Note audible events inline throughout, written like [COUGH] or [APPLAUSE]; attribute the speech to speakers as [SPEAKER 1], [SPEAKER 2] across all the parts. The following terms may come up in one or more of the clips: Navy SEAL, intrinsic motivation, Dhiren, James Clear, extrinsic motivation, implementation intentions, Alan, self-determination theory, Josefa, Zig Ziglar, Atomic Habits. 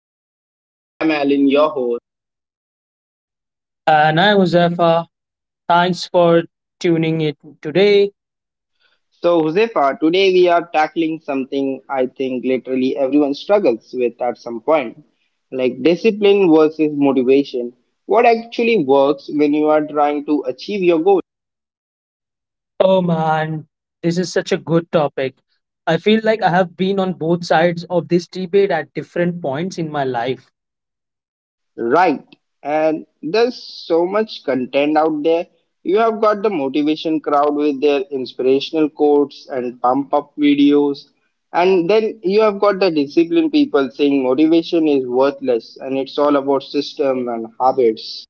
[SPEAKER 1] another episode. I am Alan, your host.
[SPEAKER 2] And I'm Uzefa. Thanks for tuning in today.
[SPEAKER 1] So, Josefa, today we are tackling something I think literally everyone struggles with at some point like discipline versus motivation. What actually works when you are trying to achieve your goals?
[SPEAKER 2] Oh man, this is such a good topic. I feel like I have been on both sides of this debate at different points in my life.
[SPEAKER 1] Right. And there's so much content out there. You have got the motivation crowd with their inspirational quotes and pump up videos. And then you have got the disciplined people saying motivation is worthless and it's all about system and habits.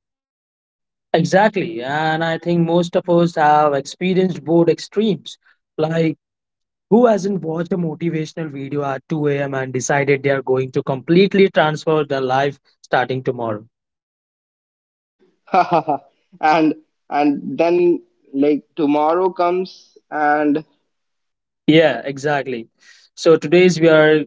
[SPEAKER 2] Exactly. And I think most of us have experienced both extremes. Like, who hasn't watched a motivational video at 2 a.m. and decided they are going to completely transform their life starting tomorrow?
[SPEAKER 1] [LAUGHS] and and then like tomorrow comes and.
[SPEAKER 2] Yeah, exactly. So, today's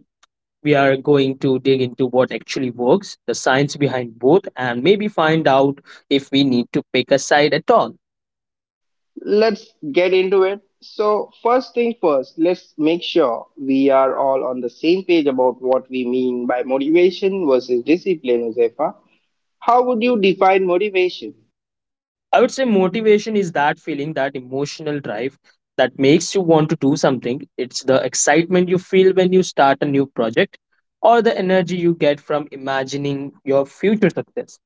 [SPEAKER 2] we are going to dig into what actually works, the science behind both, and maybe find out if we need to pick a side at all.
[SPEAKER 1] Let's get into it. So, first thing first, let's make sure we are all on the same page about what we mean by motivation versus discipline, Josefa. How would you define motivation?
[SPEAKER 2] I would say motivation is that feeling, that emotional drive that makes you want to do something. It's the excitement you feel when you start a new project or the energy you get from imagining your future success.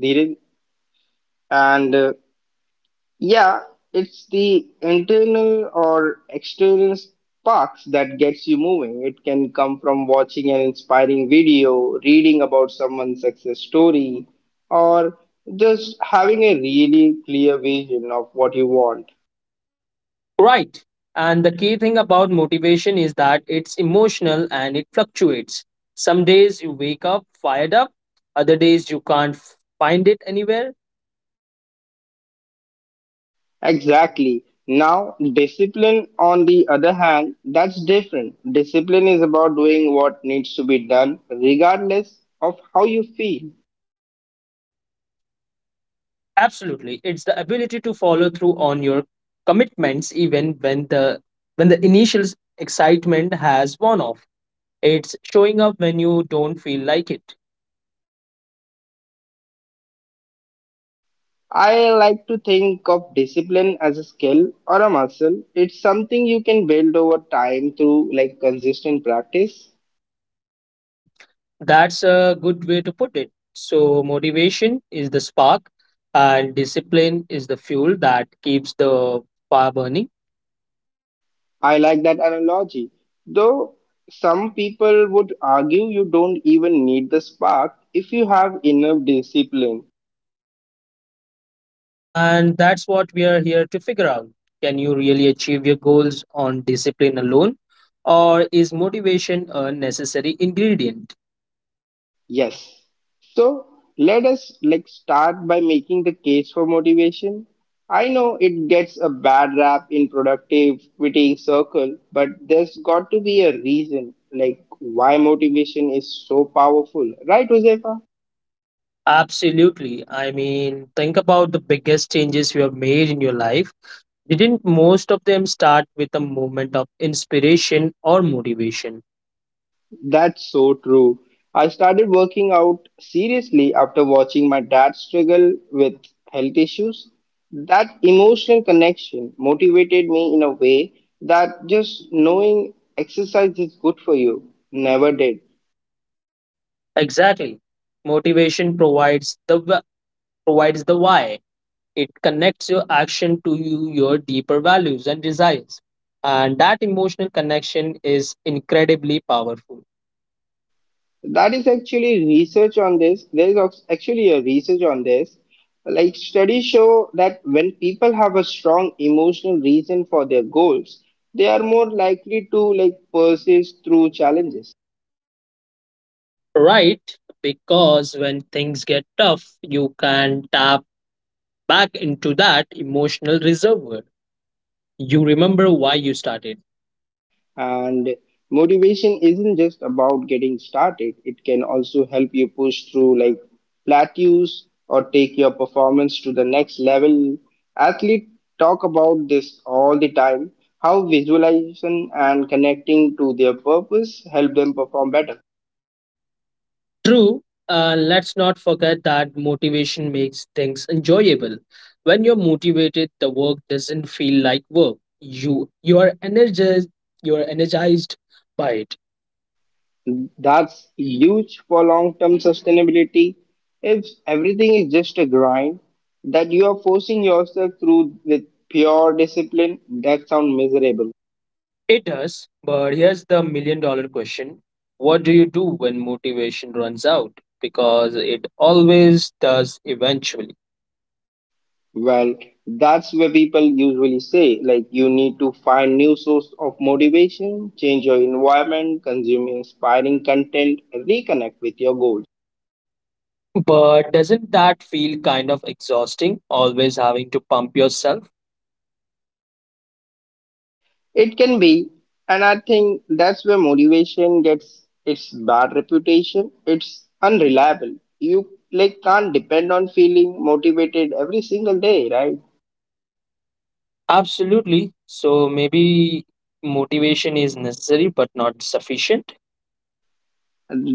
[SPEAKER 1] Dhiren? And yeah, it's the internal or external sparks that gets you moving. It can come from watching an inspiring video, reading about someone's success story, or just having a really clear vision of what you want.
[SPEAKER 2] Right. And the key thing about motivation is that it's emotional and it fluctuates. Some days you wake up fired up, other days you can't find it anywhere.
[SPEAKER 1] Exactly. Now, discipline, on the other hand, that's different. Discipline is about doing what needs to be done, regardless of how you feel.
[SPEAKER 2] Absolutely. It's the ability to follow through on your commitments even when the initial excitement has worn off. It's showing up when you don't feel like it.
[SPEAKER 1] I like to think of discipline as a skill or a muscle. It's something you can build over time through like consistent practice.
[SPEAKER 2] [CLEARS THROAT] That's a good way to put it. So, motivation is the spark, and discipline is the fuel that keeps the fire burning.
[SPEAKER 1] I like that analogy. Though some people would argue you don't even need the spark if you have enough discipline.
[SPEAKER 2] And that's what we are here to figure out. Can you really achieve your goals on discipline alone, or is motivation a necessary ingredient?
[SPEAKER 1] Yes. So let us like start by making the case for motivation. I know it gets a bad rap in productivity circle, but there's got to be a reason like why motivation is so powerful, right, Josefa?
[SPEAKER 2] Absolutely. I mean, think about the biggest changes you have made in your life. Didn't most of them start with a moment of inspiration or motivation?
[SPEAKER 1] That's so true. I started working out seriously after watching my dad struggle with health issues. That emotional connection motivated me in a way that just knowing exercise is good for you never did.
[SPEAKER 2] Exactly. Motivation provides the wa- Provides the why. It connects your action to you, your deeper values and desires. And that emotional connection is incredibly powerful.
[SPEAKER 1] That is actually research on this. There is actually a research on this. Like studies show that when people have a strong emotional reason for their goals, they are more likely to like persist through challenges.
[SPEAKER 2] Right? Because when things get tough, you can tap back into that emotional reservoir. You remember why you started.
[SPEAKER 1] And motivation isn't just about getting started, it can also help you push through like plateaus or take your performance to the next level. Athletes talk about this all the time how visualization and connecting to their purpose help them perform better.
[SPEAKER 2] True. Let's not forget that motivation makes things enjoyable. When you're motivated, the work doesn't feel like work. You are energized. You're energized by it.
[SPEAKER 1] That's huge for long term sustainability. If everything is just a grind that you are forcing yourself through with pure discipline, that sounds miserable.
[SPEAKER 2] It does. But here's the million-dollar question: what do you do when motivation runs out? Because it always does eventually.
[SPEAKER 1] Well, that's where people usually say, like, you need to find new source of motivation, change your environment, consume inspiring content, reconnect with your goal.
[SPEAKER 2] But doesn't that feel kind of exhausting? Always having to pump yourself.
[SPEAKER 1] It can be, and I think that's where motivation gets its bad reputation. It's unreliable. You like can't depend on feeling motivated every single day, right?
[SPEAKER 2] Absolutely. So maybe motivation is necessary but not sufficient.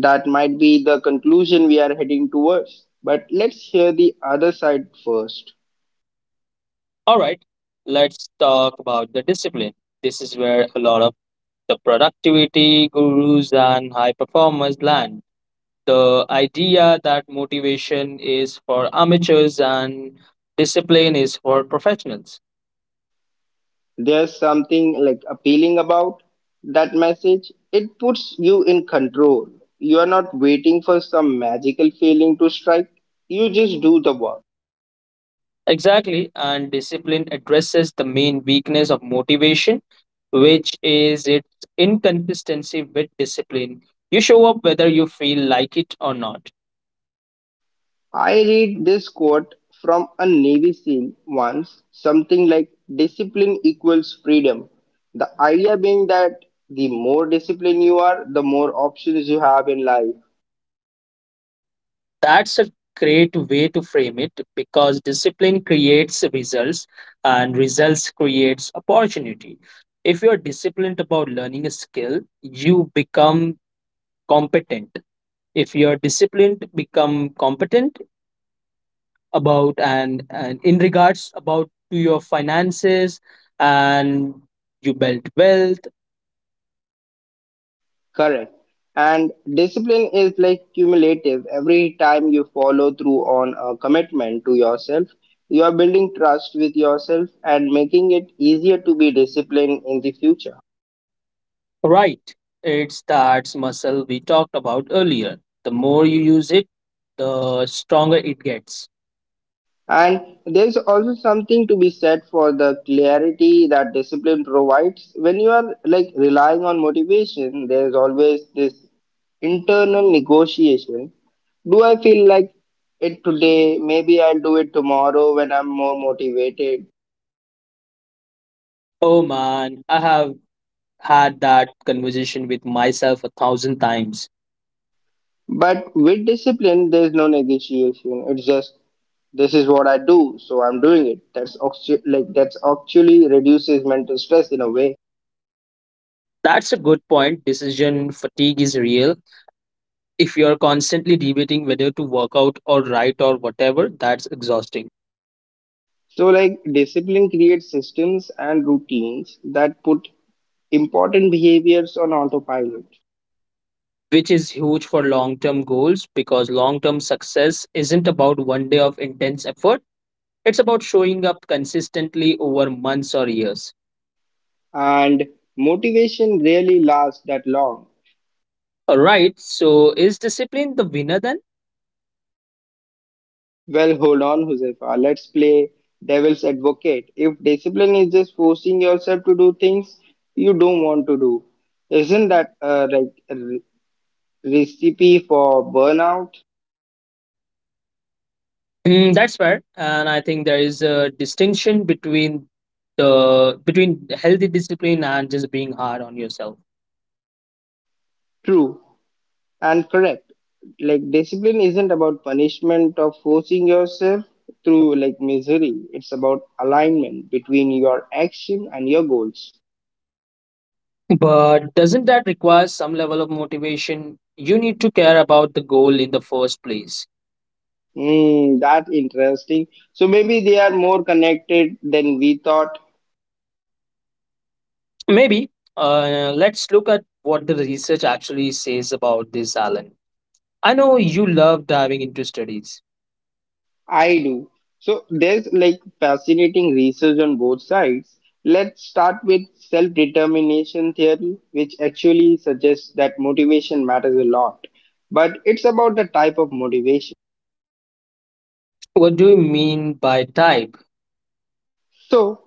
[SPEAKER 1] That might be the conclusion we are heading towards. But let's hear the other side first.
[SPEAKER 2] All right, let's talk about the discipline. This is where a lot of the productivity gurus and high performers land. The idea that motivation is for amateurs and discipline is for professionals.
[SPEAKER 1] There's something like appealing about that message. It puts you in control. You are not waiting for some magical feeling to strike. You just do the work.
[SPEAKER 2] Exactly, and discipline addresses the main weakness of motivation, which is its inconsistency with discipline. You show up whether you feel like it or not.
[SPEAKER 1] I read this quote from a Navy SEAL once, something like discipline equals freedom. The idea being that the more disciplined you are, the more options you have in life.
[SPEAKER 2] That's a great way to frame it because discipline creates results and results creates opportunity. If you're disciplined about learning a skill, you become competent. If you're disciplined, become competent. About and in regards about to your finances and you built wealth.
[SPEAKER 1] Correct. And discipline is like cumulative. Every time you follow through on a commitment to yourself, you are building trust with yourself and making it easier to be disciplined in the future.
[SPEAKER 2] Right, it's that muscle we talked about earlier. The more you use it, the stronger it gets.
[SPEAKER 1] And there's also something to be said for the clarity that discipline provides. When you are like relying on motivation, there's always this internal negotiation. Do I feel like it today? Maybe I'll do it tomorrow when I'm more motivated.
[SPEAKER 2] Oh man, I have had that conversation with myself a thousand times.
[SPEAKER 1] But with discipline, there's no negotiation. It's just this is what I do, so I'm doing it. That's actually reduces mental stress in a way.
[SPEAKER 2] That's a good point. Decision fatigue is real. If you're constantly debating whether to work out or write or whatever, that's exhausting.
[SPEAKER 1] So like discipline creates systems and routines that put important behaviors on autopilot.
[SPEAKER 2] Which is huge for long term goals because long term success isn't about one day of intense effort. It's about showing up consistently over months or years.
[SPEAKER 1] And motivation really lasts that long.
[SPEAKER 2] All right. So, is discipline the winner then?
[SPEAKER 1] Well, hold on, Josefa. Let's play devil's advocate. If discipline is just forcing yourself to do things you don't want to do, isn't that like recipe for burnout.
[SPEAKER 2] Mm, that's fair. And I think there is a distinction between the between healthy discipline and just being hard on yourself.
[SPEAKER 1] True and correct, like discipline isn't about punishment or forcing yourself through like misery. It's about alignment between your action and your goals.
[SPEAKER 2] But doesn't that require some level of motivation? You need to care about the goal in the first place.
[SPEAKER 1] That interesting, so maybe they are more connected than we thought.
[SPEAKER 2] Maybe. Let's look at what the research actually says about this, Alan. I know you love diving into studies.
[SPEAKER 1] I do. So there's like fascinating research on both sides. Let's start with self-determination theory, which actually suggests that motivation matters a lot, but it's about the type of motivation.
[SPEAKER 2] What do you mean by type?
[SPEAKER 1] So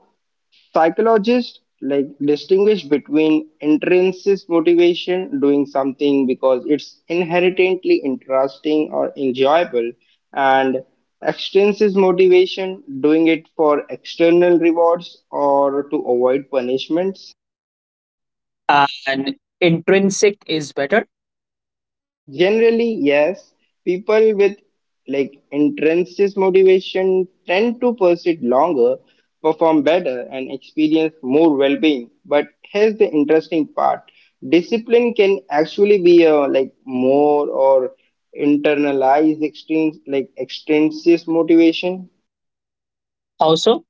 [SPEAKER 1] psychologists like distinguish between intrinsic motivation doing something because it's inherently interesting or enjoyable and extrinsic motivation doing it for external rewards or to avoid punishment.
[SPEAKER 2] And intrinsic is better?
[SPEAKER 1] Generally, yes, people with like intrinsic motivation tend to persist longer, perform better, and experience more well-being. But here's the interesting part: discipline can actually be a like more or internalized extreme like extrinsic motivation.
[SPEAKER 2] Also,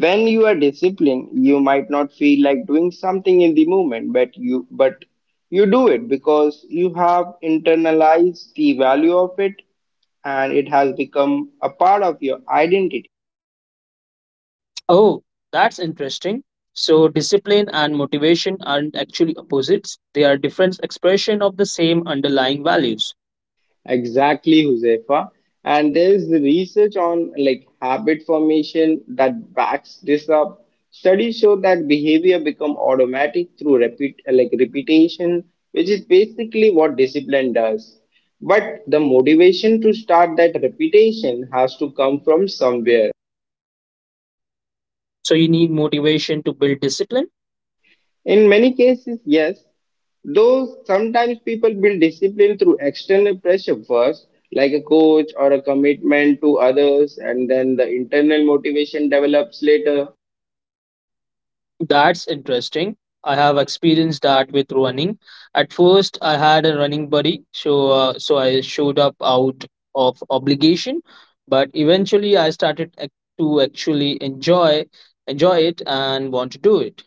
[SPEAKER 1] When you are disciplined, you might not feel like doing something in the moment, but you do it because you have internalized the value of it and it has become a part of your identity.
[SPEAKER 2] oh, that's interesting. So, discipline and motivation aren't actually opposites, they are different expression of the same underlying values.
[SPEAKER 1] Exactly, Josefa. And there is the research on like habit formation that backs this up. Studies show that behavior become automatic through repeat like repetition, which is basically what discipline does. But the motivation to start that repetition has to come from somewhere.
[SPEAKER 2] So, you need motivation to build discipline.
[SPEAKER 1] In many cases, yes, though sometimes people build discipline through external pressure first, like a coach or a commitment to others, and then the internal motivation develops later.
[SPEAKER 2] That's interesting. I have experienced that with running. At first, I had a running buddy, so I showed up out of obligation, but eventually I started to actually enjoy it and want to do it.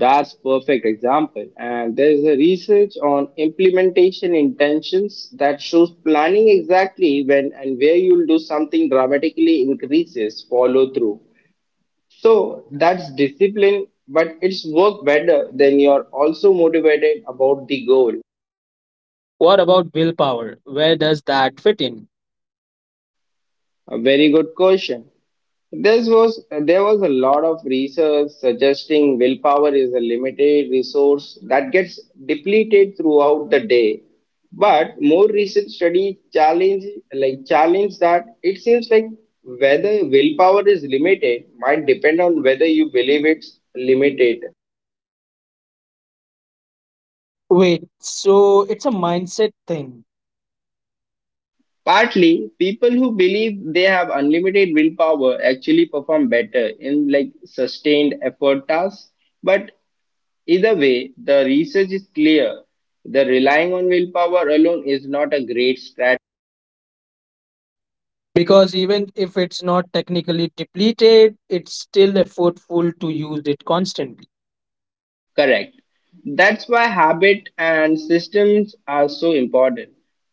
[SPEAKER 1] That's perfect example. And there is a research on implementation intentions that shows planning exactly when and where you'll do something dramatically increases follow through. So that's discipline, but it's work better than you're also motivated about the goal.
[SPEAKER 2] What about willpower? Where does that fit in?
[SPEAKER 1] A very good question. This was there was a lot of research suggesting willpower is a limited resource that gets depleted throughout the day. But more recent study challenge that. It seems like whether willpower is limited might depend on whether you believe it's limited.
[SPEAKER 2] Wait, so it's a mindset thing.
[SPEAKER 1] Partly, people who believe they have unlimited willpower actually perform better in like sustained effort tasks. But either way, the research is clear. The relying on willpower alone is not a great strategy.
[SPEAKER 2] Because even if it's not technically depleted, it's still effortful to use it constantly.
[SPEAKER 1] Correct. That's why habit and systems are so important.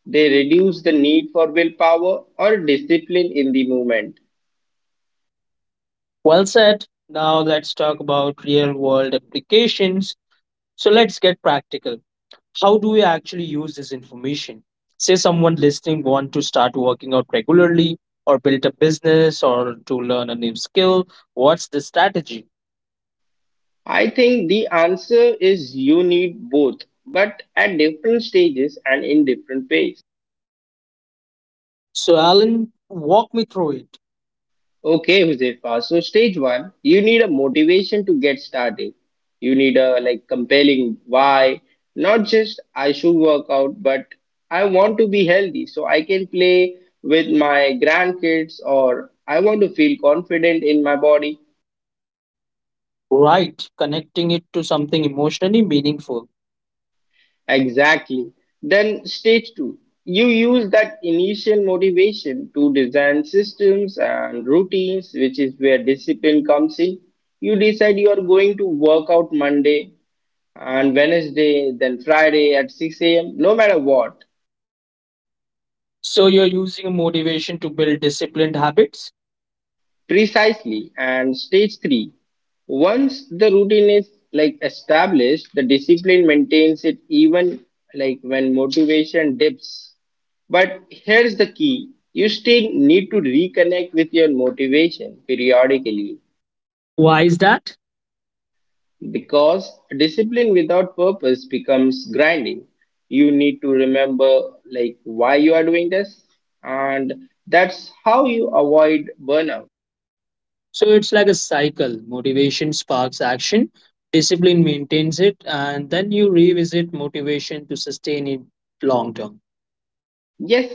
[SPEAKER 1] They reduce the need for willpower or discipline in the movement.
[SPEAKER 2] Well said. Now let's talk about real world applications. So let's get practical. How do we actually use this information? Say someone listening want to start working out regularly or build a business or to learn a new skill. What's the strategy?
[SPEAKER 1] I think the answer is you need both, but at different stages and in different ways.
[SPEAKER 2] So Alan, walk me through it.
[SPEAKER 1] Okay, Huzefa. So stage one, you need a motivation to get started. You need a like compelling why, not just I should work out, but I want to be healthy so I can play with my grandkids or I want to feel confident in my body.
[SPEAKER 2] Right, connecting it to something emotionally meaningful.
[SPEAKER 1] Exactly. Then stage two, you use that initial motivation to design systems and routines, which is where discipline comes in. You decide you are going to work out Monday and Wednesday, then Friday at 6 a.m., no matter what,
[SPEAKER 2] So you're using motivation to build disciplined habits.
[SPEAKER 1] precisely. And stage three, once the routine is like established, the discipline maintains it even like when motivation dips. But here's the key, you still need to reconnect with your motivation periodically
[SPEAKER 2] Why is that?
[SPEAKER 1] because discipline without purpose becomes grinding. You need to remember like why you are doing this, and that's how you avoid burnout.
[SPEAKER 2] So it's like a cycle. Motivation sparks action, discipline maintains it, and then you revisit motivation to sustain it long term.
[SPEAKER 1] Yes,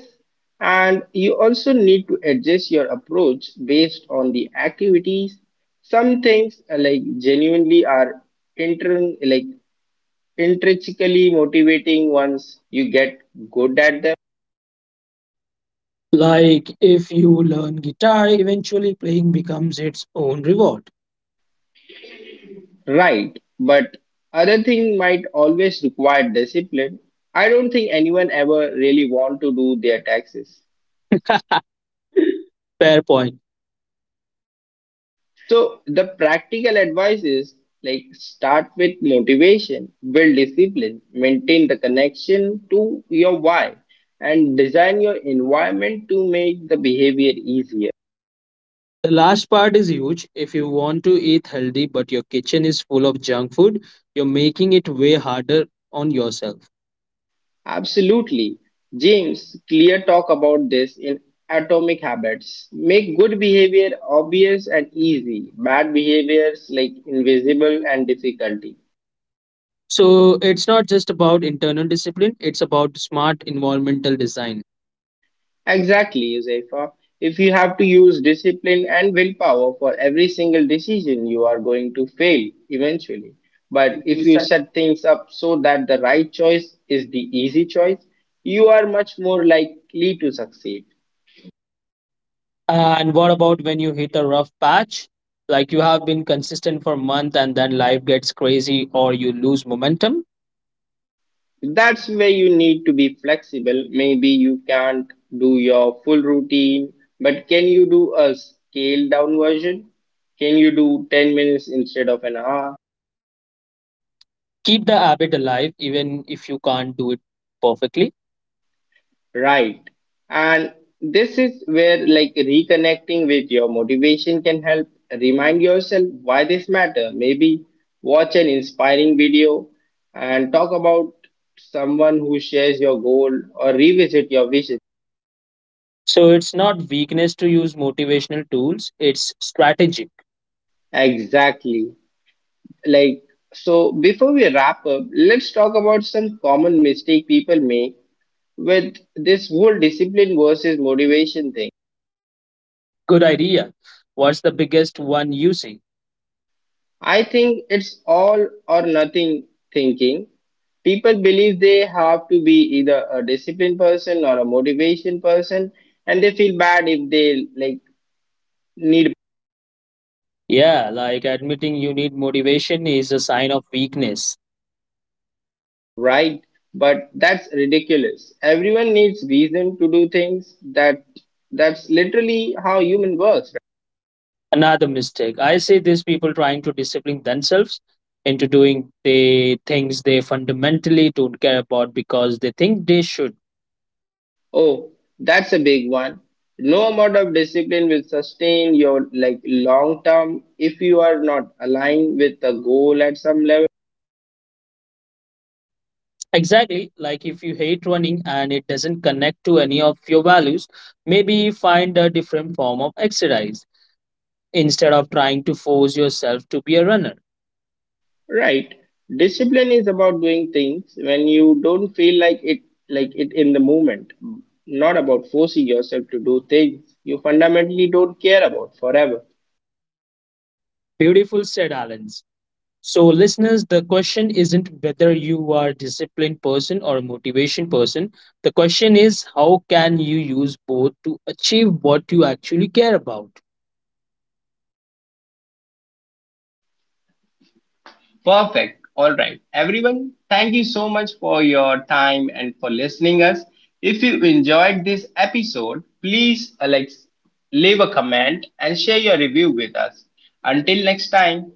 [SPEAKER 1] and you also need to adjust your approach based on the activities. Some things like genuinely are intern like intrinsically motivating once you get good at them.
[SPEAKER 2] Like if you learn guitar, eventually playing becomes its own reward. [LAUGHS]
[SPEAKER 1] Right, but other thing might always require discipline. I don't think anyone ever really want to do their taxes.
[SPEAKER 2] Fair point.
[SPEAKER 1] So the practical advice is like start with motivation, build discipline, maintain the connection to your why, and design your environment to make the behavior easier.
[SPEAKER 2] The last part is huge. If you want to eat healthy but your kitchen is full of junk food, you're making it way harder on yourself.
[SPEAKER 1] Absolutely. James Clear talk about this in Atomic Habits. Make good behavior obvious and easy, bad behaviors like invisible and difficulty.
[SPEAKER 2] So it's not just about internal discipline, it's about smart environmental design.
[SPEAKER 1] Exactly, Josefa. If you have to use discipline and willpower for every single decision, you are going to fail eventually. But if you set things up so that the right choice is the easy choice, you are much more likely to succeed.
[SPEAKER 2] And what about when you hit a rough patch? Like you have been consistent for a month and then life gets crazy or you lose momentum?
[SPEAKER 1] That's where you need to be flexible. Maybe you can't do your full routine, but can you do a scaled down version? Can you do 10 minutes instead of an hour?
[SPEAKER 2] Keep the habit alive even if you can't do it perfectly.
[SPEAKER 1] Right, and this is where like reconnecting with your motivation can help. Remind yourself why this matter, maybe watch an inspiring video and talk about someone who shares your goal or revisit your vision.
[SPEAKER 2] So it's not weakness to use motivational tools, it's strategic.
[SPEAKER 1] Exactly. Like so before we wrap up, let's talk about some common mistake people make with this whole discipline versus motivation thing.
[SPEAKER 2] Good idea. What's the biggest one you see?
[SPEAKER 1] I think it's all or nothing thinking. People believe they have to be either a disciplined person or a motivation person, and they feel bad if they like need.
[SPEAKER 2] Yeah, like admitting you need motivation is a sign of weakness.
[SPEAKER 1] Right, but that's ridiculous. Everyone needs reason to do things. That that's literally how human works.
[SPEAKER 2] Another mistake I see, these people trying to discipline themselves into doing the things they fundamentally don't care about because they think they should.
[SPEAKER 1] Oh, that's a big one. No amount of discipline will sustain your like long term if you are not aligned with a goal at some level.
[SPEAKER 2] Exactly, like if you hate running and it doesn't connect to any of your values, maybe find a different form of exercise instead of trying to force yourself to be a runner.
[SPEAKER 1] Right. Discipline is about doing things when you don't feel like it in the moment. Not about forcing yourself to do things you fundamentally don't care about forever.
[SPEAKER 2] Beautiful said, Alan. So, listeners, the question isn't whether you are a disciplined person or a motivation person. The question is how can you use both to achieve what you actually care about?
[SPEAKER 1] Perfect. All right. Everyone, thank you so much for your time and for listening us. If you enjoyed this episode, please like leave a comment and share your review with us. Until next time,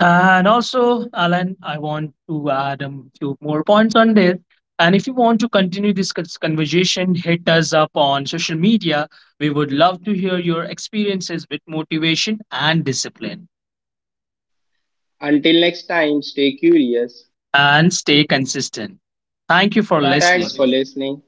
[SPEAKER 2] And also, Alan, I want to add a few more points on this. And if you want to continue this conversation, hit us up on social media. We would love to hear your experiences with motivation and discipline.
[SPEAKER 1] stay curious.
[SPEAKER 2] And stay consistent. Thanks for listening.
[SPEAKER 1] Thanks for
[SPEAKER 2] listening.
[SPEAKER 1] listening.